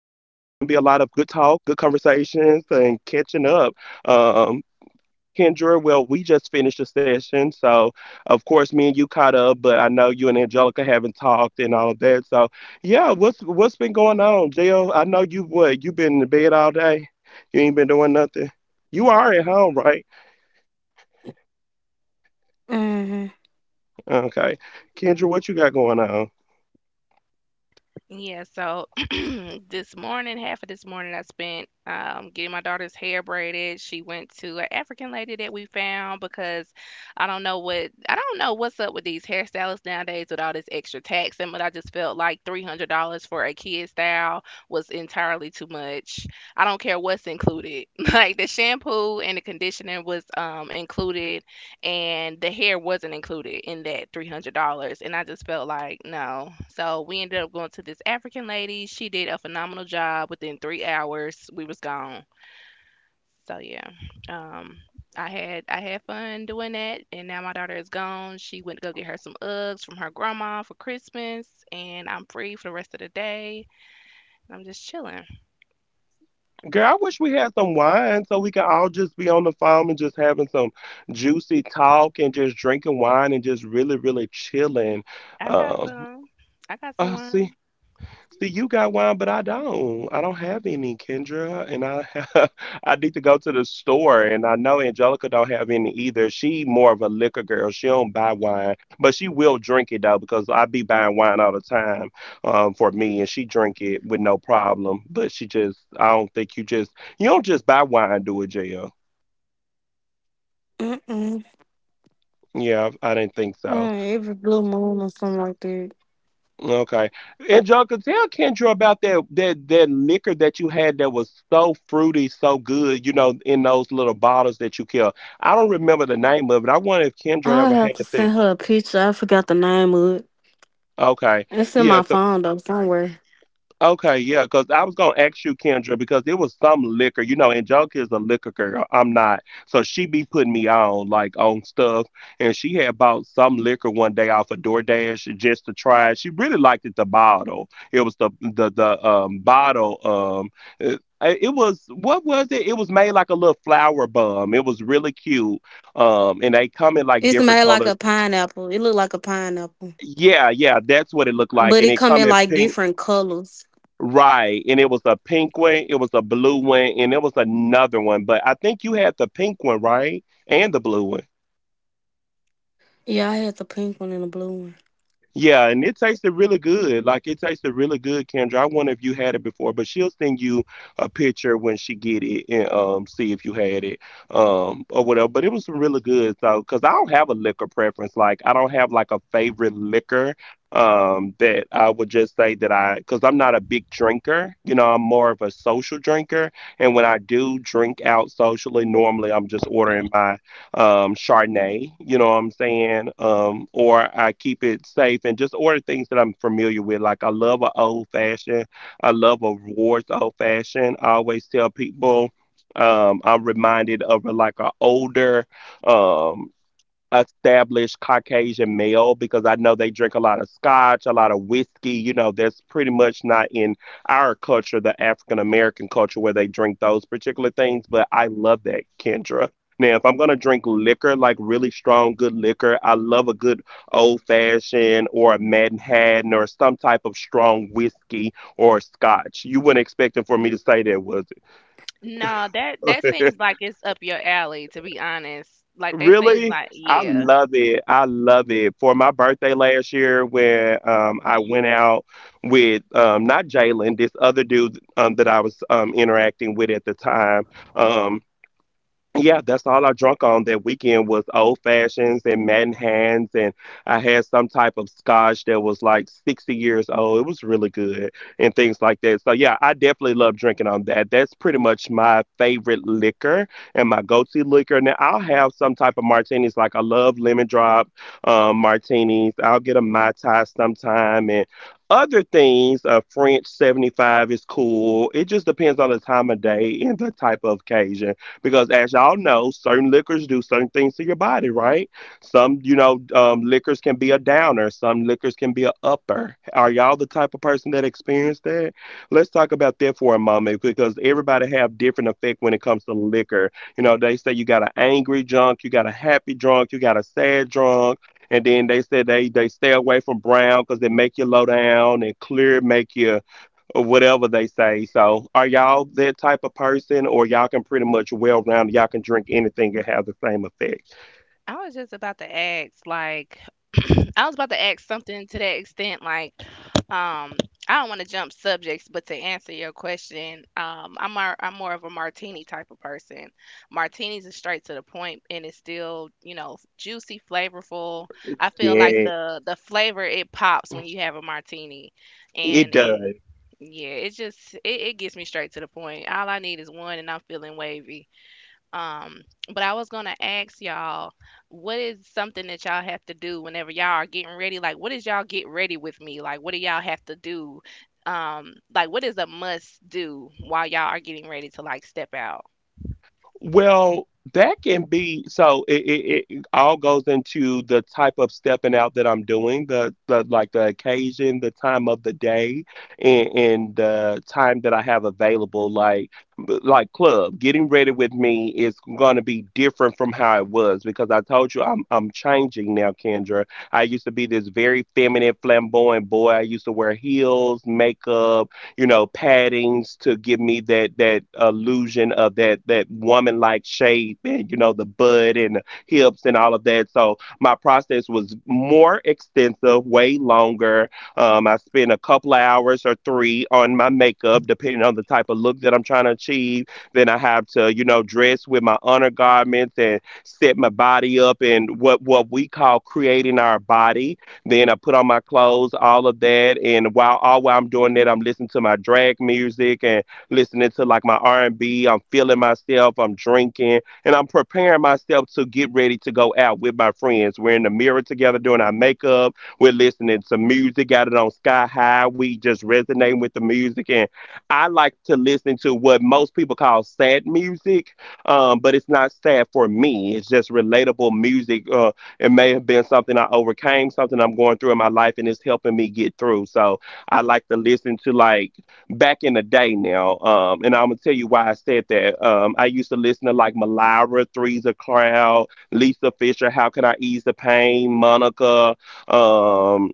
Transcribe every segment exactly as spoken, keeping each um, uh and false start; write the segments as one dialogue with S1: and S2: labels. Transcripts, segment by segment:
S1: to be a lot of good talk, good conversations, and catching up. Um, Kendra, well, we just finished the session, so of course, me and you caught up, but I know you and Angelica haven't talked and all of that. So, yeah, what's what's been going on, Jill? I know you what you've been in bed all day. You ain't been doing nothing. You are at home, right?
S2: Mm,
S1: Okay. Kendra, what you got going on?
S3: Yeah, so this morning, half of this morning, I spent um, getting my daughter's hair braided. She went to an African lady that we found because I don't know what I don't know what's up with these hairstylists nowadays with all this extra tax and, but I just felt like three hundred dollars for a kid style was entirely too much. I don't care what's included. Like the shampoo and the conditioner was um, included and the hair wasn't included in that three hundred dollars. And I just felt like no, so we ended up going to this African lady. She did a phenomenal job. Within three hours we was gone. So yeah. um I had i had fun doing that, and now my daughter is gone. She went to go get her some Uggs from her grandma for Christmas, and I'm free for the rest of the day. I'm just chilling.
S1: Girl, I wish we had some wine so we could all just be on the phone and just having some juicy talk and just drinking wine and just really, really chilling.
S3: i got
S1: Um,
S3: some I got some
S1: uh, see.
S3: wine.
S1: See, you got wine, but I don't. I don't have any, Kendra, and I have, I need to go to the store. And I know Angelica don't have any either. She more of a liquor girl. She don't buy wine, but she will drink it though because I be buying wine all the time, um, for me, and she drink it with no problem. But she just, I don't think you just, you don't just buy wine, do it, J L.
S2: mm-mm.
S1: Yeah, I didn't think so.
S2: Mm, every blue moon or something like that.
S1: Okay. And Joker, tell Kendra about that that that liquor that you had that was so fruity, so good, you know, in those little bottles that you kept. I don't remember the name of it. I wonder if Kendra
S2: I
S1: ever
S2: have
S1: had
S2: to
S1: that.
S2: send her a picture. I forgot the name of it.
S1: Okay,
S2: It's in
S1: yeah.
S2: my phone though somewhere.
S1: Okay, yeah, because I was gonna ask you, Kendra, because it was some liquor, you know, and Joker is a liquor girl. I'm not. So she be putting me on like on stuff. And she had bought some liquor one day off of DoorDash just to try it. She really liked it the bottle. It was the the the um bottle um it, it was what was it? It was made like a little flower bum. It was really cute. Um and they come in like
S2: It's
S1: different
S2: made
S1: colors.
S2: like a pineapple. It looked like a pineapple,
S1: Yeah, yeah, that's what it looked like. And
S2: but
S1: it
S2: it
S1: come
S2: come
S1: in
S2: in like
S1: pink.
S2: different colors.
S1: Right. And it was a pink one, it was a blue one, and there was another one. But I think you had the pink one, right? And the blue one.
S2: Yeah, I had the pink one and the blue one.
S1: Yeah, and it tasted really good. Like it tasted really good, Kendra. I wonder if you had it before, but she'll send you a picture when she get it and um see if you had it um or whatever. But it was really good. So, cause I don't have a liquor preference. Like I don't have like a favorite liquor um that I would just say that I, cause I'm not a big drinker. You know, I'm more of a social drinker. And when I do drink out socially, normally I'm just ordering my um, Chardonnay, you know what I'm saying? Um, or I keep it safe and just order things that I'm familiar with. Like I love an old fashioned, I love a Ward's old fashioned. I always tell people, um, I'm reminded of like an older, um, established Caucasian male because I know they drink a lot of scotch, a lot of whiskey. You know, that's pretty much not in our culture, the African American culture, where they drink those particular things. But I love that, Kendra. Now, if I'm going to drink liquor, like really strong, good liquor, I love a good old fashioned or a Manhattan or some type of strong whiskey or scotch. You wouldn't expect it for me to say that was.
S3: No, that that seems like it's up your alley, to be honest. Like they seem
S1: Really?
S3: like,
S1: I
S3: yeah.
S1: love it. I love it. For my birthday last year, when um, I
S3: Oh.
S1: went out with um, not Jalen, this other dude um, that I was um, interacting with at the time. um, yeah, that's all I drunk on that weekend was old fashions and Manhattans, and I had some type of scotch that was like sixty years old. It was really good and things like that. So yeah, I definitely love drinking on that. That's pretty much my favorite liquor and my go-to liquor. Now I'll have some type of martinis. Like I love lemon drop um, martinis. I'll get a mai tai sometime and other things. A French seventy-five is cool. It just depends on the time of day and the type of occasion. Because as y'all know, certain liquors do certain things to your body, right? Some, you know, um, liquors can be a downer. Some liquors can be a upper. Are y'all the type of person that experienced that? Let's talk about that for a moment because everybody have different effect when it comes to liquor. You know, they say you got an angry drunk, you got a happy drunk, you got a sad drunk. And then they said they, they stay away from brown because they make you low down and clear make you or whatever they say. So, are y'all that type of person, or y'all can pretty much well round, y'all can drink anything and have the same effect?
S3: I was just about to ask, like, I was about to ask something to that extent, like, um, I don't want to jump subjects, but to answer your question, um, I'm i am I am more of a martini type of person. Martinis are straight to the point, and it's still, you know, juicy, flavorful. I feel like
S1: Yeah,
S3: the the flavor, it pops when you have a martini,
S1: it
S3: and it,
S1: does.
S3: yeah, it just it, it gets me straight to the point. All I need is one, and I'm feeling wavy. Um, but I was gonna ask y'all, what is something that y'all have to do whenever y'all are getting ready? Like, what is y'all get ready with me? Like, what do y'all have to do? Um, like, what is a must do while y'all are getting ready to like step out?
S1: Well, that can be so it, it, it all goes into the type of stepping out that I'm doing, the, the like the occasion, the time of the day, and, and the time that I have available. Like like club, getting ready with me is gonna be different from how it was because I told you I'm I'm changing now, Kendra. I used to be this very feminine, flamboyant boy. I used to wear heels, makeup, you know, paddings to give me that that illusion of that that woman like shape and you know the butt and the hips and all of that. So my process was more extensive, way longer. Um, I spent a couple of hours or three on my makeup, depending on the type of look that I'm trying to achieve. Then I have to, you know, dress with my undergarments and set my body up and what what we call creating our body, then I put on my clothes, all of that, and while all while I'm doing that, I'm listening to my drag music and listening to like my R and B. I'm feeling myself. I'm drinking, and I'm preparing myself to get ready to go out with my friends. We're in the mirror together doing our makeup. We're listening to music. Got it on sky high. We just resonating with the music, and I like to listen to what most people call sad music, um, but it's not sad for me. It's just relatable music Uh, It may have been something I overcame, something I'm going through in my life, and it's helping me get through. So I like to listen to like back in the day now. Um, and I'm gonna tell you why I said that. Um, I used to listen to like Malara, Three's a Crowd, Lisa Fisher, How Can I Ease the Pain, Monica. Um,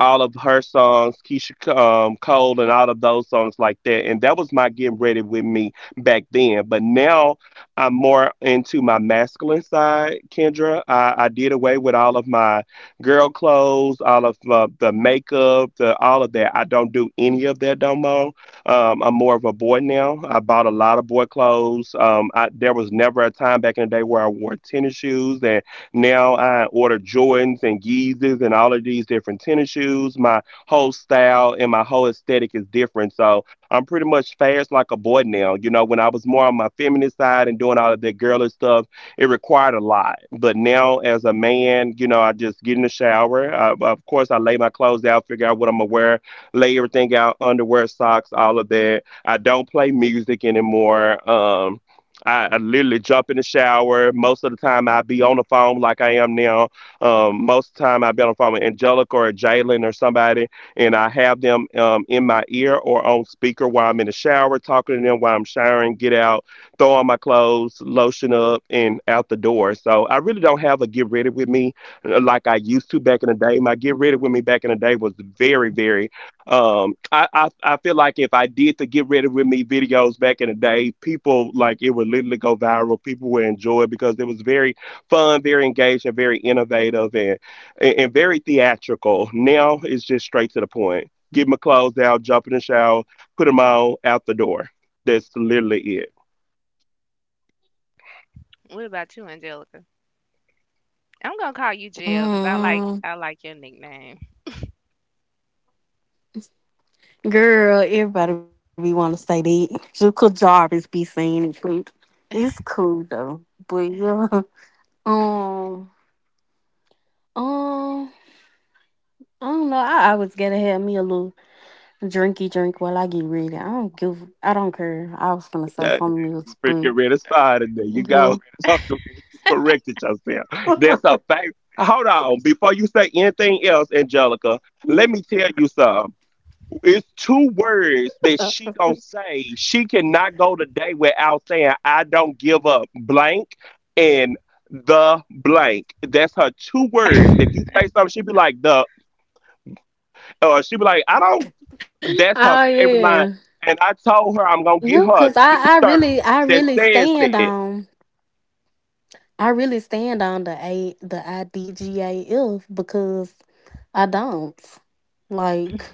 S1: all of her songs, Keisha, um, Cole, and all of those songs like that. And that was my getting ready with me back then. But now I'm more into my masculine side, Kendra. I, I did away with all of my girl clothes, all of uh, the makeup, the all of that. I don't do any of that no more. Um, I'm more of a boy now. I bought a lot of boy clothes. Um, I, there was never a time back in the day where I wore tennis shoes and. Now I order Jordans and Yeezys and all of these different tennis shoes. My whole style and my whole aesthetic is different. So I'm pretty much fast like a boy now. You know, when I was more on my feminine side and doing all of that girlish stuff, it required a lot. But now as a man, you know, I just get in the shower. I, of course, I lay my clothes out, figure out what I'm gonna wear, lay everything out, underwear, socks, all of that. I don't play music anymore. Um, I, I literally jump in the shower. Most of the time, I be on the phone like I am now. Um, most of the time, I be on the phone with Angelica or Jalen or somebody, and I have them um, in my ear or on speaker while I'm in the shower, talking to them while I'm showering, get out, throw on my clothes, lotion up, and out the door. So I really don't have a get ready with me uh, like I used to back in the day. My get ready with me back in the day was very, very um, I, I I feel like if I did the Get Ready With Me videos back in the day, people like it would literally go viral. People would enjoy it because it was very fun, very engaging, very innovative, and and, and very theatrical. Now it's just straight to the point. Get my clothes out, jump in the shower, put them on out the door. That's literally it.
S3: What about you, Angelica? I'm gonna call you Jill because I like
S2: Mm,
S3: I like your nickname.
S2: Girl, everybody be want to say that. Juka Jarvis be saying it. too. It's cool though, but yeah. Um, um, I don't know. I always gotta have me a little Drinky drink while I get ready. I don't give. I don't care. I was gonna say
S1: Hey,
S2: something else,
S1: you
S2: but
S1: freaking read a star today. You
S2: yeah.
S1: go. I'm glad you corrected yourself. That's a fact. Hold on. Before you say anything else, Angelica, let me tell you something. It's two words that she gonna say. She cannot go today without saying, I don't give up blank and the blank. That's her two words. If you say something, she be like the, or she be like, I don't.
S2: oh
S1: That's her favorite
S2: yeah,
S1: line. And I told her I'm gonna
S2: yeah.
S1: get
S2: Cause
S1: her a
S2: I, I really,
S1: t-shirt
S2: I
S1: that
S2: really
S1: says
S2: stand
S1: that.
S2: on. I really stand on the a the I D G A F because I don't like.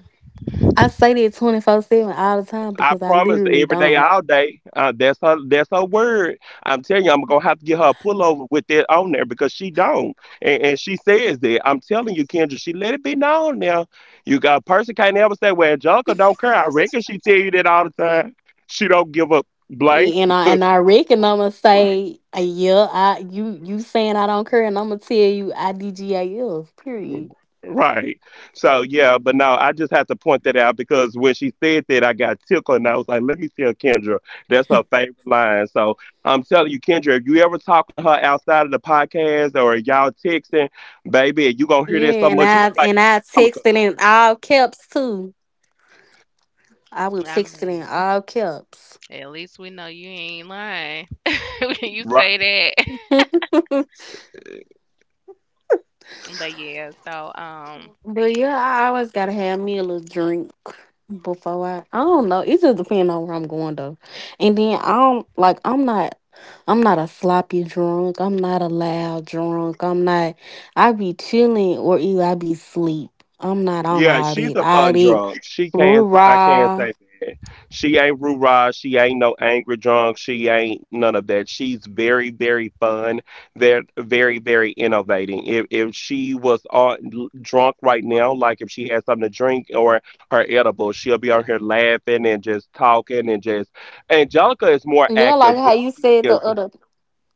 S2: I say that twenty four seven all the time
S1: I
S2: because I
S1: promise
S2: literally
S1: every day,
S2: don't.
S1: all day. Uh, that's her. That's her word. I'm telling you, I'm gonna have to get her a pullover with that on there because she don't, and, and she says that. I'm telling you, Kendra, she let it be known now. You got a person can't ever say, "Well, Junker don't care." I reckon she tell you that all the time. She don't give a blank.
S2: And I and I reckon I'ma say, uh, yeah, I you you saying I don't care, and I'ma tell you I D G A F. Period.
S1: Right. So yeah, but no, I just had to point that out because when she said that, I got tickled, and I was like, "Let me tell Kendra, that's her favorite line." So I'm telling you, Kendra, if you ever talking to her outside of the podcast or y'all texting, baby, you gonna hear
S2: Yeah,
S1: that
S2: and
S1: so
S2: I
S1: much, you are gonna
S2: and
S1: be like,
S2: I texted
S1: "Angelica."
S2: in all caps too. I will
S3: I
S2: text it in
S3: mean,
S2: all caps.
S3: at least we know you ain't lying when you
S1: Right?
S3: say that. But yeah, so um,
S2: But yeah, I always gotta have me a little drink before I. I don't know. It just depends on where I'm going though. And then I don't like. I'm not. I'm not a sloppy drunk. I'm not a loud drunk. I'm not. I be chilling or either I be sleep. I'm not on
S1: Yeah,
S2: all
S1: she's
S2: that.
S1: a
S2: All
S1: fun
S2: that.
S1: drunk. She can I can't
S2: Rah.
S1: say that. She ain't rah. She ain't no angry drunk. She ain't none of that. She's very, very fun. They're very, very innovating. If if she was on drunk right now, like if she had something to drink or her edible, she'll be on here laughing and just talking and just. Angelica is more
S2: Yeah, like
S1: active
S2: how
S1: when
S2: you
S1: she
S2: said the
S1: is.
S2: other.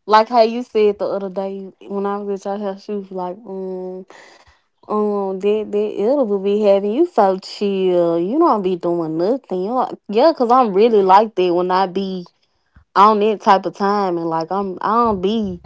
S2: Like how you said the other day when I was at your house, she was like, mm, Um, that that it'll be having you so chill. You don't be doing nothing. You don't, yeah, cause I'm really like that when I be on that type of time and like I'm I don't be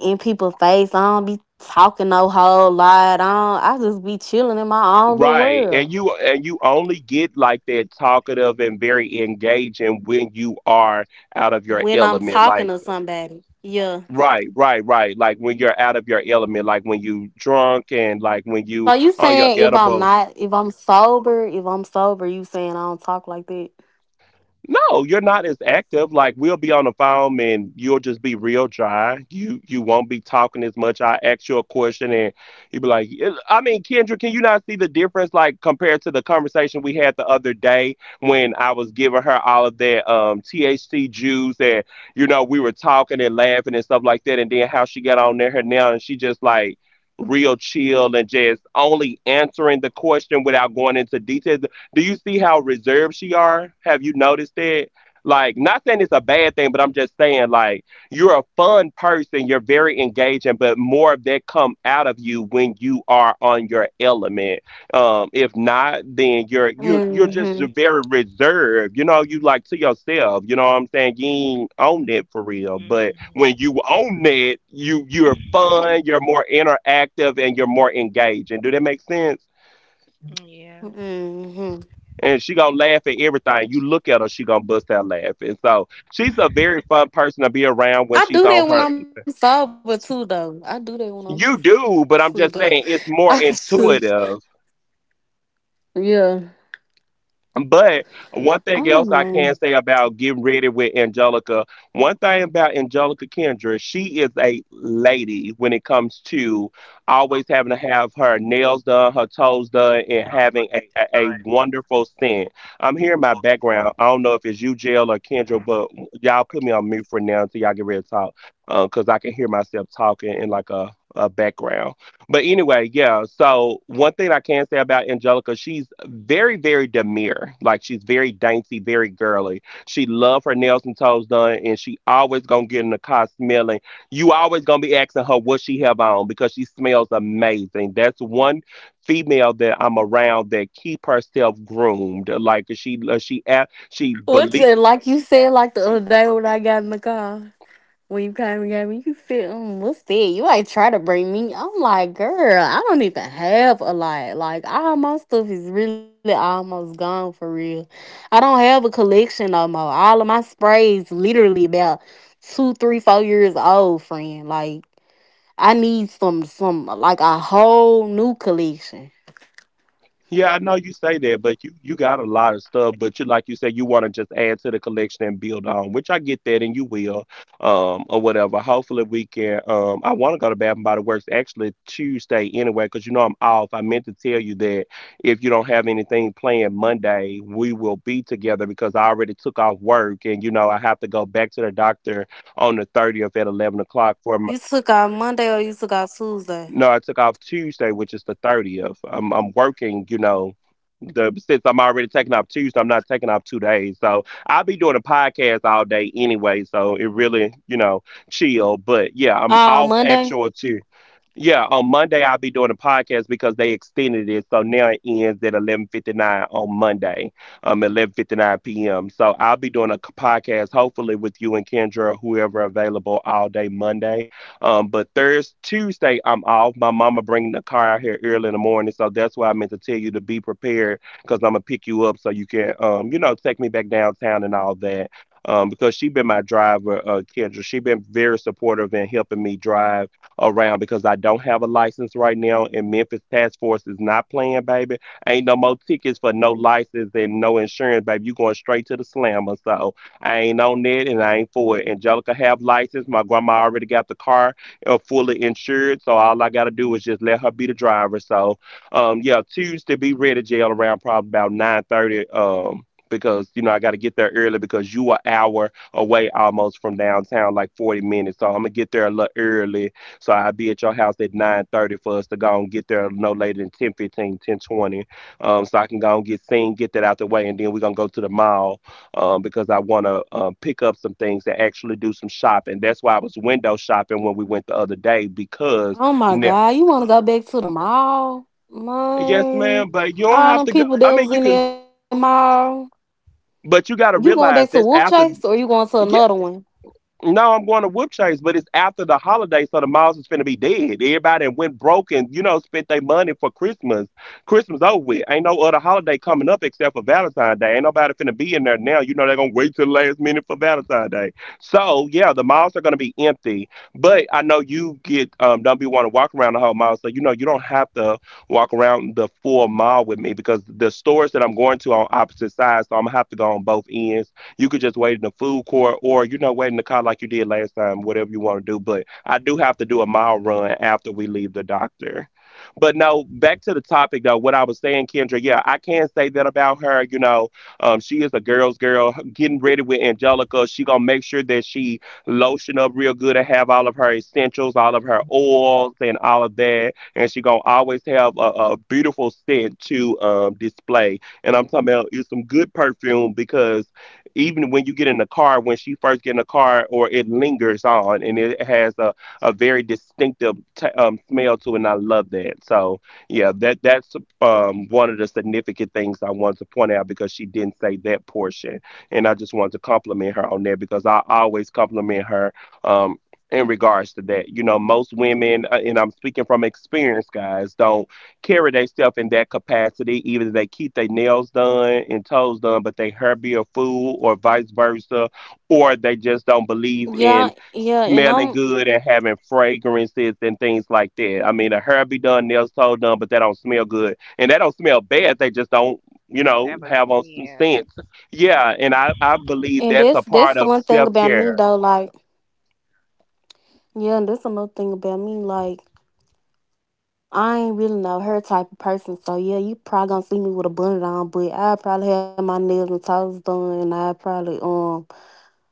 S2: in people's face. I don't be talking no whole lot. I don't, I just be chilling in my own little
S1: Right. And
S2: world
S1: you and you only get like that talkative and very engaging when you are out of your
S2: when I'm
S1: element.
S2: talking
S1: Like
S2: to somebody. Yeah.
S1: right, right, right. Like when you're out of your element, like when you drunk and like when you
S2: So you
S1: on your
S2: saying if I'm
S1: edibles.
S2: not if I'm sober if I'm sober you saying I don't talk like that.
S1: No, you're not as active. Like we'll be on the phone and you'll just be real dry. You you won't be talking as much. I ask you a question and you'll be like, "Eh, I mean, Kendra, can you not see the difference? Like compared to the conversation we had the other day when I was giving her all of that um T H C juice, and you know we were talking and laughing and stuff like that, and then how she got on there her now and she just like real chill and just only answering the question without going into details. Do you see how reserved she are? Have you noticed that? Like, not saying it's a bad thing, but I'm just saying, like, you're a fun person. You're very engaging, but more of that come out of you when you are on your element. Um, if not, then you're you're you're
S2: Mhm.
S1: just very reserved. You know, you like to yourself. You know what I'm saying? You ain't own it for real. But when
S3: mhm.
S1: you own it, you you're fun. You're more interactive and you're more engaging. Do that make sense?
S3: Yeah,
S2: Mhm.
S1: And she gonna laugh at everything. You look at her, she gonna bust out laughing. So she's a very fun person to be around when
S2: I
S1: she's
S2: do
S1: on
S2: that
S1: her.
S2: when I'm sober too, though. I do that when I'm
S1: You do, but I'm
S2: sober.
S1: just saying it's
S2: I
S1: more
S2: just,
S1: intuitive.
S2: yeah.
S1: But one thing
S2: I
S1: else
S2: don't
S1: I can
S2: know.
S1: say about getting ready with Angelica, one thing about Angelica Kendra, she is a lady when it comes to always having to have her nails done, her toes done, and having a, a, a wonderful scent. I'm hearing my background. I don't know if it's you, Jail, or Kendra, but y'all put me on mute for now until y'all get ready to talk, because I can hear myself talking in like a, a background. But anyway, yeah. So one thing I can say about Angelica, she's very, very demure. Like she's very dainty, very girly. She love her nails and toes done, and she always gonna get in the car smelling. You always gonna be asking her what she have on because she smells amazing. That's one female that I'm around that keep herself groomed. Like she, she, she, she
S2: What's
S1: believes.
S2: it like you said like the other day when I got in the car when you came and got me? You said, um, "What's that? You ain't try to bring me." I'm like, girl, I don't even have a lot. Like all my stuff is really almost gone for real. I don't have a collection no more. All of my sprays literally about two, three, four years old, friend. Like. I need some some like a whole new collection.
S1: Yeah, I know you say that, but you you got a lot of stuff. But you like you said, you want to just add to the collection and build on, which I get that, and you will, um, or whatever. Hopefully, we can. Um, I want to go to Bath and Body Works actually Tuesday anyway, because you know I'm off. I meant to tell you that if you don't have anything planned Monday, we will be together because I already took off work, and you know I have to go back to the doctor on the thirtieth at eleven o'clock
S2: You
S1: for my
S2: took out Monday or you took out Tuesday?
S1: no, I took off Tuesday, which is the thirtieth. I'm I'm working, you know, the since I'm already taking off Tuesday, I'm not taking off two days. So I'll be doing a podcast all day anyway, so it really, you know, chill. But yeah, I'm
S2: Oh,
S1: off
S2: Monday.
S1: actual Tuesday. Yeah, on Monday I'll be doing a podcast because they extended it, so now it ends at eleven fifty nine on Monday, um, eleven fifty nine p m. So I'll be doing a c- podcast, hopefully with you and Kendra, whoever available all day Monday. Um, but Thursday, Tuesday I'm off. My mama bringing the car out here early in the morning, so that's why I meant to tell you to be prepared because I'm gonna pick you up so you can, um, you know, take me back downtown and all that. Um, because she been my driver, uh, Kendra. She been very supportive in helping me drive around because I don't have a license right now, and Memphis Task Force is not playing, baby. Ain't no more tickets for no license and no insurance, baby. You going straight to the slammer, so I ain't on that and I ain't for it. Angelica have license. My grandma already got the car uh, fully insured, so all I gotta do is just let her be the driver. So, um, yeah, Tuesday be ready, jail around probably about nine thirty. Um. Because you know I got to get there early because you an hour away almost from downtown, like forty minutes. So I'm gonna get there a little early so I'll be at your house at nine thirty for us to go and get there no later than ten fifteen, ten twenty. Um, so I can go and get seen, get that out the way, and then we're going to go to the mall, um, because I want to um, pick up some things and actually do some shopping. That's why I was window shopping when we went the other day because,
S2: Oh my
S1: now,
S2: God, you wanna go back to the mall?
S1: yes,
S2: Man.
S1: ma'am, but you don't
S2: All
S1: have
S2: them
S1: to go.
S2: people
S1: I
S2: that
S1: mean,
S2: was
S1: you
S2: in that
S1: can,
S2: mall.
S1: but
S2: You
S1: you got
S2: going
S1: to
S2: back to Wolf
S1: realize that's
S2: Chase or
S1: after.
S2: you going to another
S1: Yeah.
S2: one?
S1: No, I'm going to Whoop Chase, but it's after the holiday, so the malls is finna be dead. Everybody went broke and, you know, spent their money for Christmas. Christmas over with. Ain't no other holiday coming up except for Valentine's Day. Ain't nobody finna be in there now. You know, they're gonna wait till the last minute for Valentine's Day. So, yeah, the malls are gonna be empty. But I know you get, um, don't be want to walk around the whole mall. So, you know, you don't have to walk around the full mall with me because the stores that I'm going to are on opposite sides, so I'm gonna have to go on both ends. You could just wait in the food court or, you know, wait in the car like you did last time, whatever you want to do. But I do have to do a mile run after we leave the doctor. But no, back to the topic though, what I was saying, Kendra, yeah, I can say that about her. You know, um, she is a girl's girl. Getting ready with Angelica, she gonna make sure that she lotion up real good and have all of her essentials, all of her oils and all of that. And she gonna always have a, a beautiful scent to um display. And I'm talking about it's some good perfume because even when you get in the car, when she first get in the car, or it lingers on and it has a, a very distinctive t- um, smell to it. And I love that. So yeah, that that's um, one of the significant things I wanted to point out because she didn't say that portion, and I just wanted to compliment her on that because I always compliment her um, in regards to that. You know, most women, uh, and I'm speaking from experience, guys, don't carry themselves in that capacity. Either they keep their nails done and toes done, but they hair be a fool, or vice versa, or they just don't believe in
S2: Yeah, yeah, and
S1: smelling
S2: I'm
S1: good and having fragrances and things like that. I mean, a hair be done, nails toe done, but they don't smell good, and they don't smell bad. They just don't, you know,
S3: have a
S1: have on some
S3: yeah.
S1: sense. Yeah, and I I believe
S2: and
S1: that's
S2: that's
S1: a
S2: that's
S1: part
S2: the
S1: of
S2: one thing
S1: self
S2: about me
S1: care.
S2: though, like yeah, and that's another thing about me. Like I ain't really know her type of person, so yeah, you probably gonna see me with a bonnet on, but I probably have my nails and toes done, and I probably um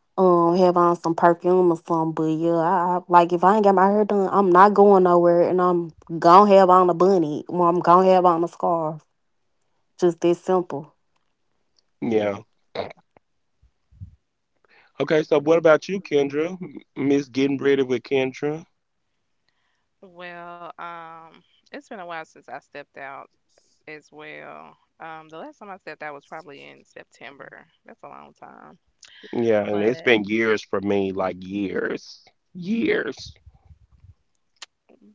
S2: um have on some perfume or something. But yeah, I, I like if I ain't got my hair done, I'm not going nowhere, and I'm gonna have on a bunny, or I'm gonna have on a scarf. Just that simple.
S1: Yeah. Okay, so what about you, Kendra? M- Miss Getting Ready with Kendra?
S3: Well, um, it's been a while since I stepped out as well. Um, the last time I stepped out was probably in September. That's a long time.
S1: Yeah, and it's
S3: But
S1: been years for me, like years, years.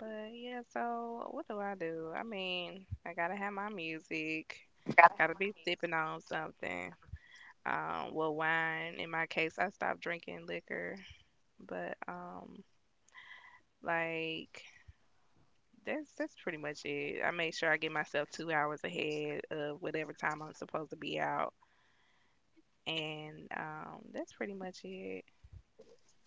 S3: but yeah, so what do I do? I mean, I gotta have my music. Gotta be sipping on something. Um, well, wine in my case, I stopped drinking liquor, but um, like that's that's pretty much it. I make sure I get myself two hours ahead of whatever time I'm supposed to be out, and um, that's pretty much it.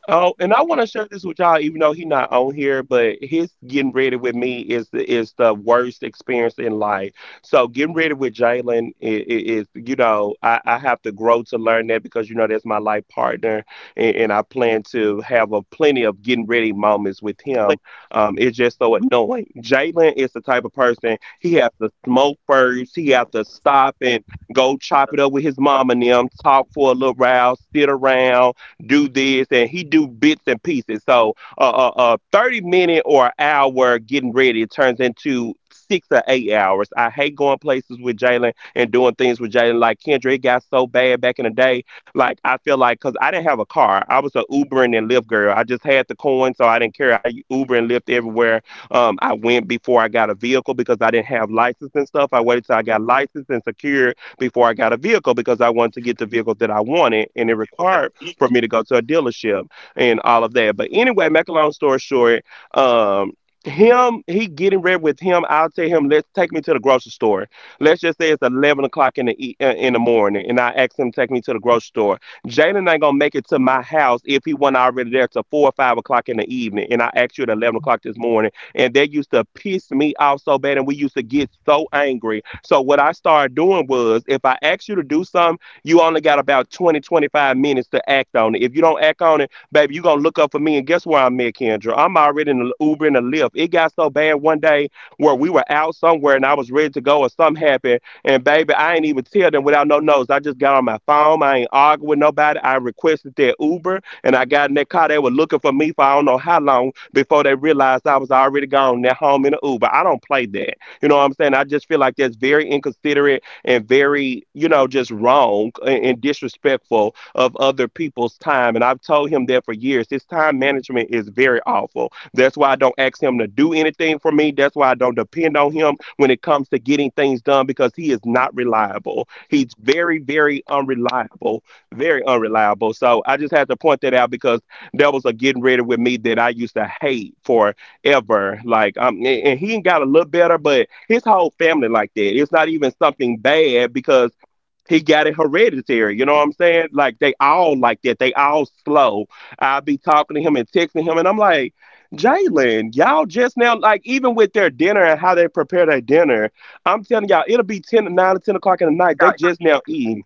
S1: Oh, and I
S3: Make
S1: want
S3: sure-
S1: to share this with y'all, even though he not on here, but his getting ready with me is the is the worst experience in life. So getting ready with Jalen i- i- is, you know, I, I have to grow to learn that because you know that's my life partner, and, and I plan to have a plenty of getting ready moments with him. Um, it's just so annoying. Jalen is the type of person he has to smoke first. He has to stop and go chop it up with his mom and them, talk for a little while, sit around do this, and he do bits and pieces. So a uh, uh, uh, thirty minute or an hour getting ready it turns into six or eight hours. I hate going places with Jalen and doing things with Jalen. Like Kendra, it got so bad back in the day. Like I feel like because I didn't have a car, I was a Ubering and Lyft girl. I just had the coin, so I didn't care. I Uber and Lyft everywhere. Um, I went before I got a vehicle because I didn't have license and stuff. I waited till I got licensed and secured before I got a vehicle because I wanted to get the vehicle that I wanted, and it required for me to go to a dealership and all of that. But anyway, make a long story short, um, him, he getting ready with him. I'll tell him, let's take me to the grocery store. Let's just say it's eleven o'clock in the e- uh, in the morning, and I ask him to take me to the grocery store. Jalen ain't gonna make it to my house if he wasn't already there till four or five o'clock in the evening. And I asked you at eleven o'clock this morning, and that used to piss me off so bad, and we used to get so angry. So what I started doing was, if I asked you to do something. You only got about twenty, twenty-five minutes to act on it. If you don't act on it, baby, you gonna look up for me. And guess where I'm at, Kendra? I'm already in the Uber and the Lyft. It got so bad one day where we were out somewhere and I was ready to go or something happened. And baby, I ain't even tell them without no notice. I just got on my phone. I ain't arguing with nobody. I requested their Uber and I got in that car. They were looking for me for I don't know how long before they realized I was already gone. They're home in the Uber. I don't play that. You know what I'm saying? I just feel like that's very inconsiderate and very, you know, just wrong and, and disrespectful of other people's time. And I've told him that for years. His time management is very awful. That's why I don't ask him to do anything for me. That's why I don't depend on him when it comes to getting things done because he is not reliable. He's very, very unreliable. Very unreliable. So I just had to point that out because that was a getting ready with me that I used to hate for ever. Like um, and and he got a little better, but his whole family like that. It's not even something bad because he got it hereditary. You know what I'm saying? Like they all like that. They all slow. I be talking to him and texting him, and I'm like, Jalen, y'all just now like even with their dinner and how they prepare their dinner. I'm telling y'all, it'll be ten nine or ten o'clock in the night. They just now eating.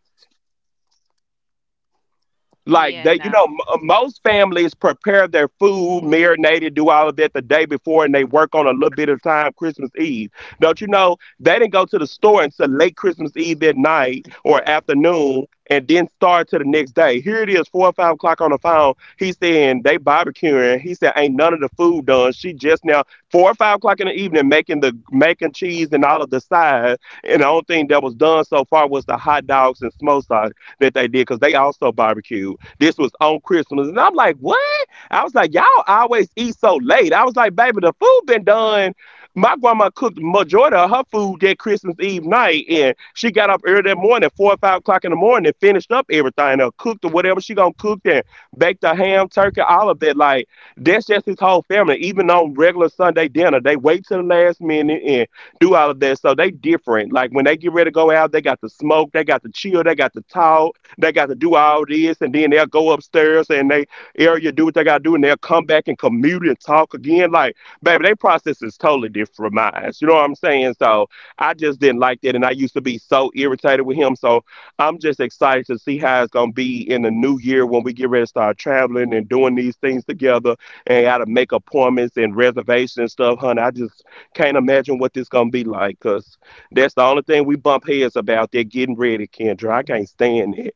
S1: Like
S3: Yeah,
S1: they, you know,
S3: no.
S1: m- most families prepare their food, marinate it, do all of that the day before, and they work on a little bit of time Christmas Eve. Don't you know they didn't go to the store until late Christmas Eve that night or afternoon, and then start to the next day. Here it is, four or five o'clock on the phone. He's saying they barbecuing. He said ain't none of the food done. She just now four or five o'clock in the evening making the making cheese and all of the sides, and the only thing that was done so far was the hot dogs and smoked sausage that they did because they also barbecued. This was on Christmas. And I'm like, what? I was like, y'all always eat so late. I was like, baby, the food been done. My grandma cooked majority of her food that Christmas Eve night, and she got up early that morning, four or five o'clock in the morning, and finished up everything, or cooked or whatever she gonna cook, and baked the ham, turkey, all of that. Like that's just his whole family. Even on regular Sunday dinner, they wait till the last minute and do all of that. So they different. Like when they get ready to go out, they got the smoke, they got the chill, they got the talk. They got to do all this, and then they'll go upstairs and they area do what they got to do, and they'll come back and commute and talk again. Like, baby, their process is totally different from mine. You know what I'm saying? So I just didn't like that, and I used to be so irritated with him. So I'm just excited to see how it's gonna be in the new year when we get ready to start traveling and doing these things together, and got to make appointments and reservations and stuff, honey. I just can't imagine what this gonna be like, cause that's the only thing we bump heads about. They're getting ready, Kendra. I can't stand it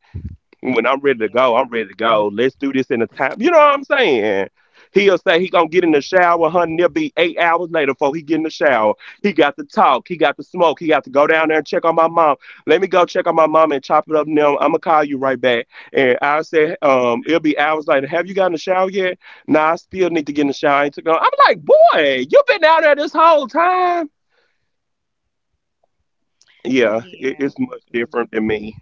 S1: when I'm ready to go,
S3: Yeah,
S1: I'm ready to go. Let's do this in a time. You know what I'm saying? He'll say he gonna get in the shower, honey. There will be eight hours later before he get in the shower. He got to talk. He got to smoke. He got to go down there and check on my mom. Let me go check on my mom and chop it up. Now I'm gonna call you right back. And I said, um, it'll be hours later. Have you gotten in the shower yet? Nah, I still need to get in the shower. I ain't took no. I'm like, boy, you been down there this whole time. Yeah, it,
S3: yeah.
S1: it's much different
S3: Mm-mm.
S1: than me.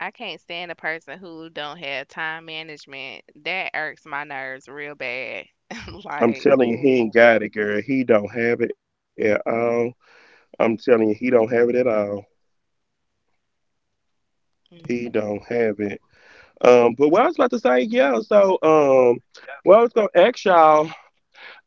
S3: I can't stand a person who don't have time management. That irks my nerves real bad.
S1: I'm
S3: Like,
S1: telling you, he ain't
S3: oh,
S1: got it, girl. He don't have it at all. I'm telling you, he don't have it at all. He don't
S3: mm.
S1: have it. Um, but what I was about to say, yeah. So, um, well, I was gonna ask y'all,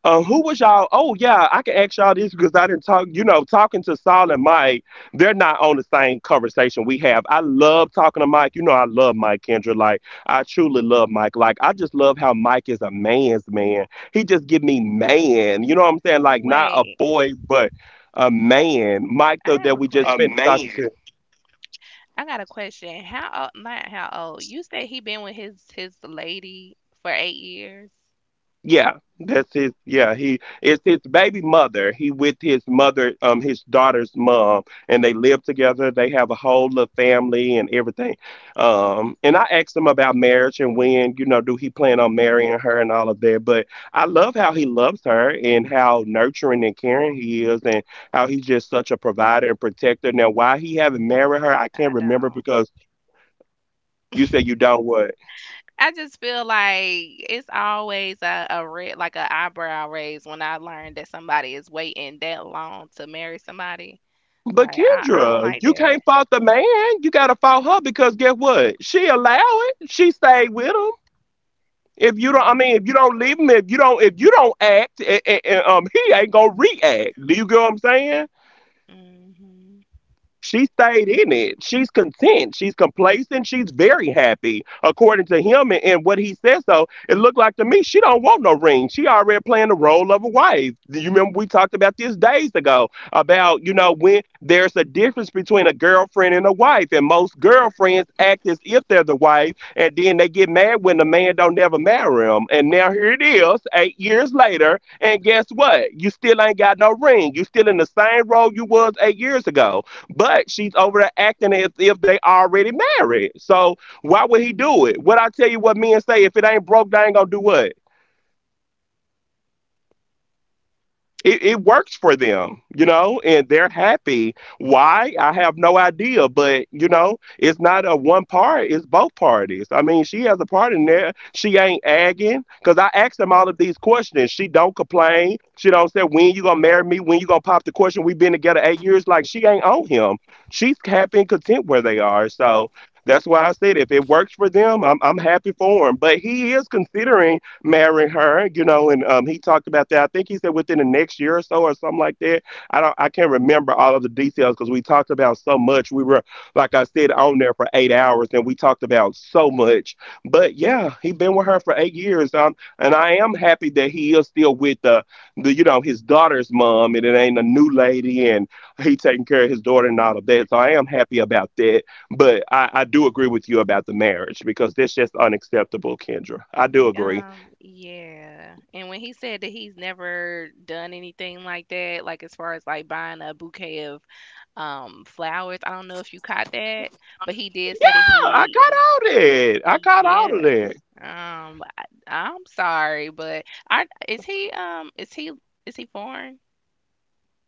S1: um, who was y'all? Oh, yeah, I can ask y'all this because I didn't talk. You know, talking to Saul and Mike, they're not on the same conversation we have. I love talking to Mike. You know, I love Mike Kendra. Like, I truly love Mike. Like, I just love how Mike is a man's man. He just give me man. You know what I'm saying? Like, not a
S3: Wait,
S1: boy, but a man. Mike,
S3: I
S1: though,
S3: have
S1: that
S3: a
S1: we just finished
S3: question.
S1: talking to.
S3: I got a question. How old, not how old. You said he been with his his lady for eight years.
S1: Yeah, that's his. Yeah, he it's his baby mother. He with his mother, um, his daughter's mom, and they live together. They have a whole little family and everything. Um, and I asked him about marriage and when, you know, do he plan on
S3: Hmm.
S1: marrying her and all of that. But I love how he loves her and how nurturing and caring he is, and how he's just such a provider and protector. Now, why he haven't married her, I can't
S3: I
S1: remember
S3: don't.
S1: because you said you don't what.
S3: I just feel like it's always a, a red, like a eyebrow raise when I learn that somebody is waiting that long to marry somebody.
S1: But
S3: Like I, I don't
S1: Kendra,
S3: like
S1: you
S3: that.
S1: can't fault the man. You gotta fault her because guess what? She allow it. She stayed with him. If you don't, I mean, if you don't leave him, if you don't, if you don't act, a- a- a- um, he ain't gonna react. Do you get what I'm saying?
S3: Mm-hmm.
S1: She stayed in it. She's content. She's complacent. She's very happy, according to him and, and what he says. So it looked like to me she don't want no ring. She already playing the role of a wife. You remember we talked about this days ago about you know when there's a difference between a girlfriend and a wife, and most girlfriends act as if they're the wife, and then they get mad when the man don't never marry them. And now here it is, eight years later, and guess what? You still ain't got no ring. You still in the same role you was eight years ago, but she's over there acting as if they already married. So why would he do it? What I tell you, what men say, if it ain't broke, they ain't gonna do what. it, it works for them, you know, and they're happy. Why? I have no idea, but you know, it's not a one part, it's both parties. I mean, she has a part in there. She ain't agging because I asked them all of these questions. She don't complain. She don't say, when you gonna marry me? When you gonna pop the question? We've been together eight years. Like she ain't on him. She's happy and content where they are. So that's why I said if it works for them, I'm, I'm happy for him. But he is considering marry her, you know, and um, he talked about that. I think he said within the next year or so or something like that. I don't I can't remember all of the details because we talked about so much. We were, like I said, on there for eight hours and we talked about so much. But yeah, he been with her for eight years. Um, and I am happy that he is still with the, the you know, his daughter's mom, and it ain't a new lady, and he taking care of his daughter and all of that. So I am happy about that. But I, I do agree with you about the marriage because that's just unacceptable, Kendra. I do agree.
S3: Um, yeah. And when he said that he's never done anything like that, like as far as like buying a bouquet of um flowers, I don't know if you caught that, but he did say that
S1: I got
S3: he,
S1: out of it. I got out of
S3: yeah.
S1: there.
S3: Um, I, I'm sorry, but are is he um is he is he foreign?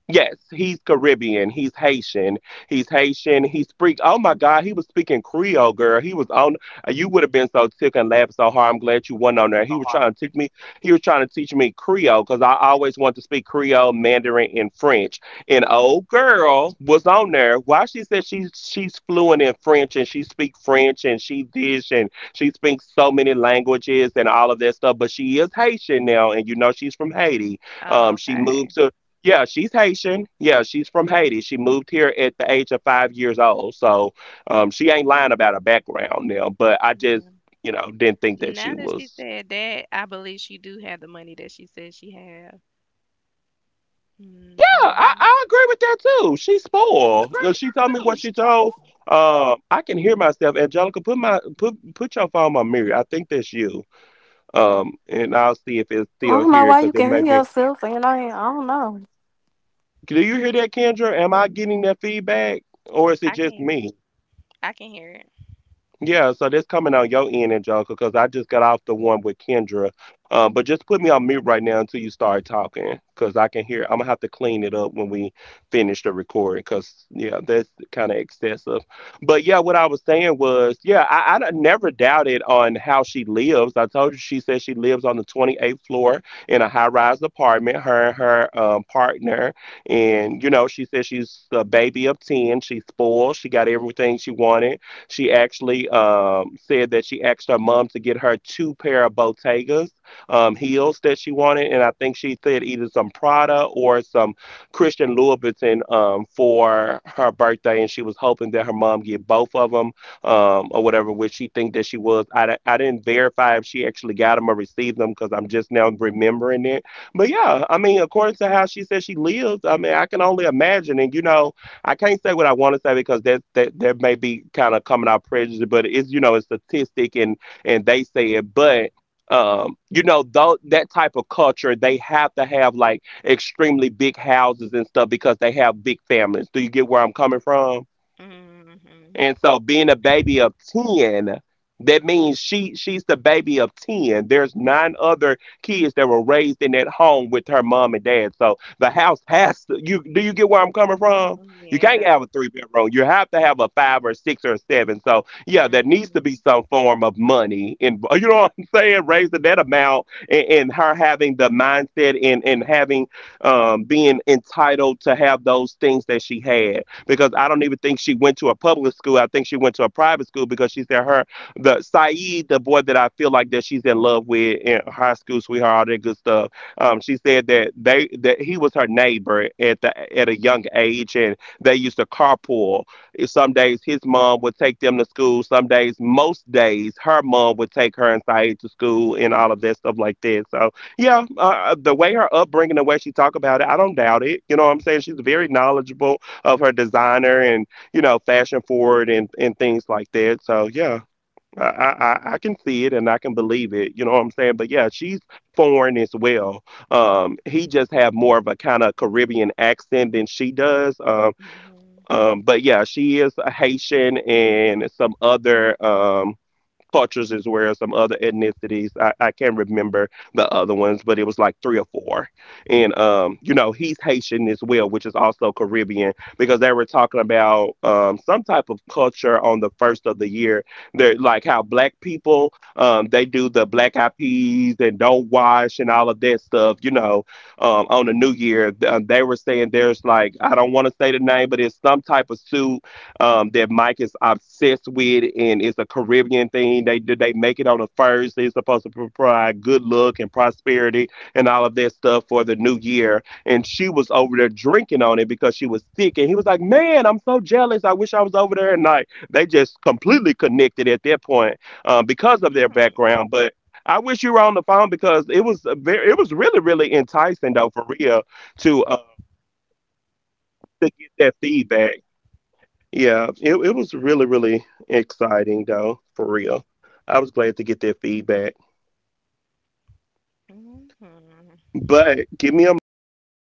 S1: Yes, he's Caribbean. He's Haitian. He's Haitian. He speak. Oh my God, he was speaking Creole, girl. He was on. uh, You would have been so tick and laughed so hard. I'm glad you wasn't on there. He was trying to teach me. He was trying to teach me Creole because I always wanted to speak Creole, Mandarin, and French. And old girl was on there. Why, she said she's she's fluent in French, and she speak French, and she dish, and she speaks so many languages and all of that stuff. But she is Haitian now, and you know she's from Haiti.
S3: Oh,
S1: Um, she moved
S3: okay.
S1: to Yeah, she's Haitian. Yeah, she's from Haiti. She moved here at the age of five years old. So um, she ain't lying about her background now, but I just,
S3: Yeah.
S1: you know, didn't think that she
S3: Now that she
S1: was.
S3: said that, I believe she do have the money that she said she have.
S1: Yeah, I,
S3: Hmm.
S1: I agree with that too. She's spoiled. Uh, She told me what she told. Um, I can hear myself. Angelica, put my put put your phone on mute. I think that's you. Um, and I'll see if it's
S2: I
S1: still
S2: don't know
S1: here
S2: why
S1: because
S2: you
S1: it
S2: can
S1: may
S2: hear
S1: be.
S2: yourself, and I, I don't know.
S1: Do you hear that, Kendra? Am I getting that feedback, or is it
S3: I can
S1: just
S3: hear it.
S1: me?
S3: I can hear it.
S1: Yeah, so that's coming on your end, Angelica, because I just got off the one with Kendra. Uh, but just put me on mute right now until you start talking, because I can hear. I'm gonna have to clean it up when we finish the recording, because yeah, that's kind of excessive. But yeah, what I was saying was, yeah, I, I done never doubted on how she lives. I told you she said she lives on the twenty-eighth floor in a high-rise apartment. Her and her um, partner, and you know, she said she's a baby of ten. She's spoiled. She got everything she wanted. She actually um, said that she asked her mom to get her two pair of Bottegas um, heels that she wanted, and I think she said either some Prada or some Christian Louboutin, um, for her birthday, and she was hoping that her mom get both of them, um, or whatever, which she think that she was. I, di- I didn't verify if she actually got them or received them because I'm just now remembering it. But yeah, I mean, according to how she said she lives, I mean, I can only imagine. And you know, I can't say what I want to say because that that there may be kind of coming out prejudice, but it's you know it's statistic and and they say it, but um, you know, though, that type of culture, they have to have like extremely big houses and stuff because they have big families. Do you get where I'm coming from?
S3: Hmm.
S1: And so being a baby of ten, that means she she's the baby of ten. There's nine other kids that were raised in that home with her mom and dad. So the house has to, you, do you get where I'm coming from? You can't
S3: Yeah.
S1: have a three bedroom. You have to have a five or six or seven. So yeah, there needs to be
S3: Hmm.
S1: some form of money and you know what I'm saying, raising that amount, and, and, her having the mindset, and, and having um being entitled to have those things that she had, because I don't even think she went to a public school. I think she went to a private school because she said her, the Saeed, the boy that I feel like that she's in love with, in high school sweetheart, all that good stuff. Um, she said that they that he was her neighbor at the at a young age, and they used to carpool. Some days his mom would take them to school. Some days, most days, her mom would take her and Saeed to school and all of that stuff like that. So yeah, uh, uh, the way her upbringing, the way she talk about it, I don't doubt it. You know what I'm saying? She's very knowledgeable of her designer and you know fashion forward and and things like that. So yeah, I I, I can see it and I can believe it. You know what I'm saying? But yeah, she's foreign as well. Um, he just have more of a kind of Caribbean accent than she does. Um,
S3: Hmm.
S1: um, but yeah, she is a Haitian and some other. Um, cultures as well as some other ethnicities. I, I can't remember the other ones, but it was like three or four. And um, you know, he's Haitian as well, which is also Caribbean, because they were talking about um some type of culture on the first of the year. They're like how black people um they do the black eyed peas and don't wash and all of that stuff, you know, um on the new year. Th- uh, They were saying there's like, I don't want to say the name, but it's some type of soup, um, that Mike is obsessed with, and it's a Caribbean thing. They they make it on the first. They're supposed to provide good luck and prosperity and all of that stuff for the new year. And she was over there drinking on it because she was sick. And he was like, "Man, I'm so jealous. I wish I was over there." And like they just completely connected at that point, uh, because of their background, but. I wish you were on the phone because it was a very, it was really, really enticing though for real to uh, to get that feedback. Yeah, it, it was really, really exciting though, for real. I was glad to get that feedback.
S3: Hmm. Hmm.
S1: But give me a moment, y'all.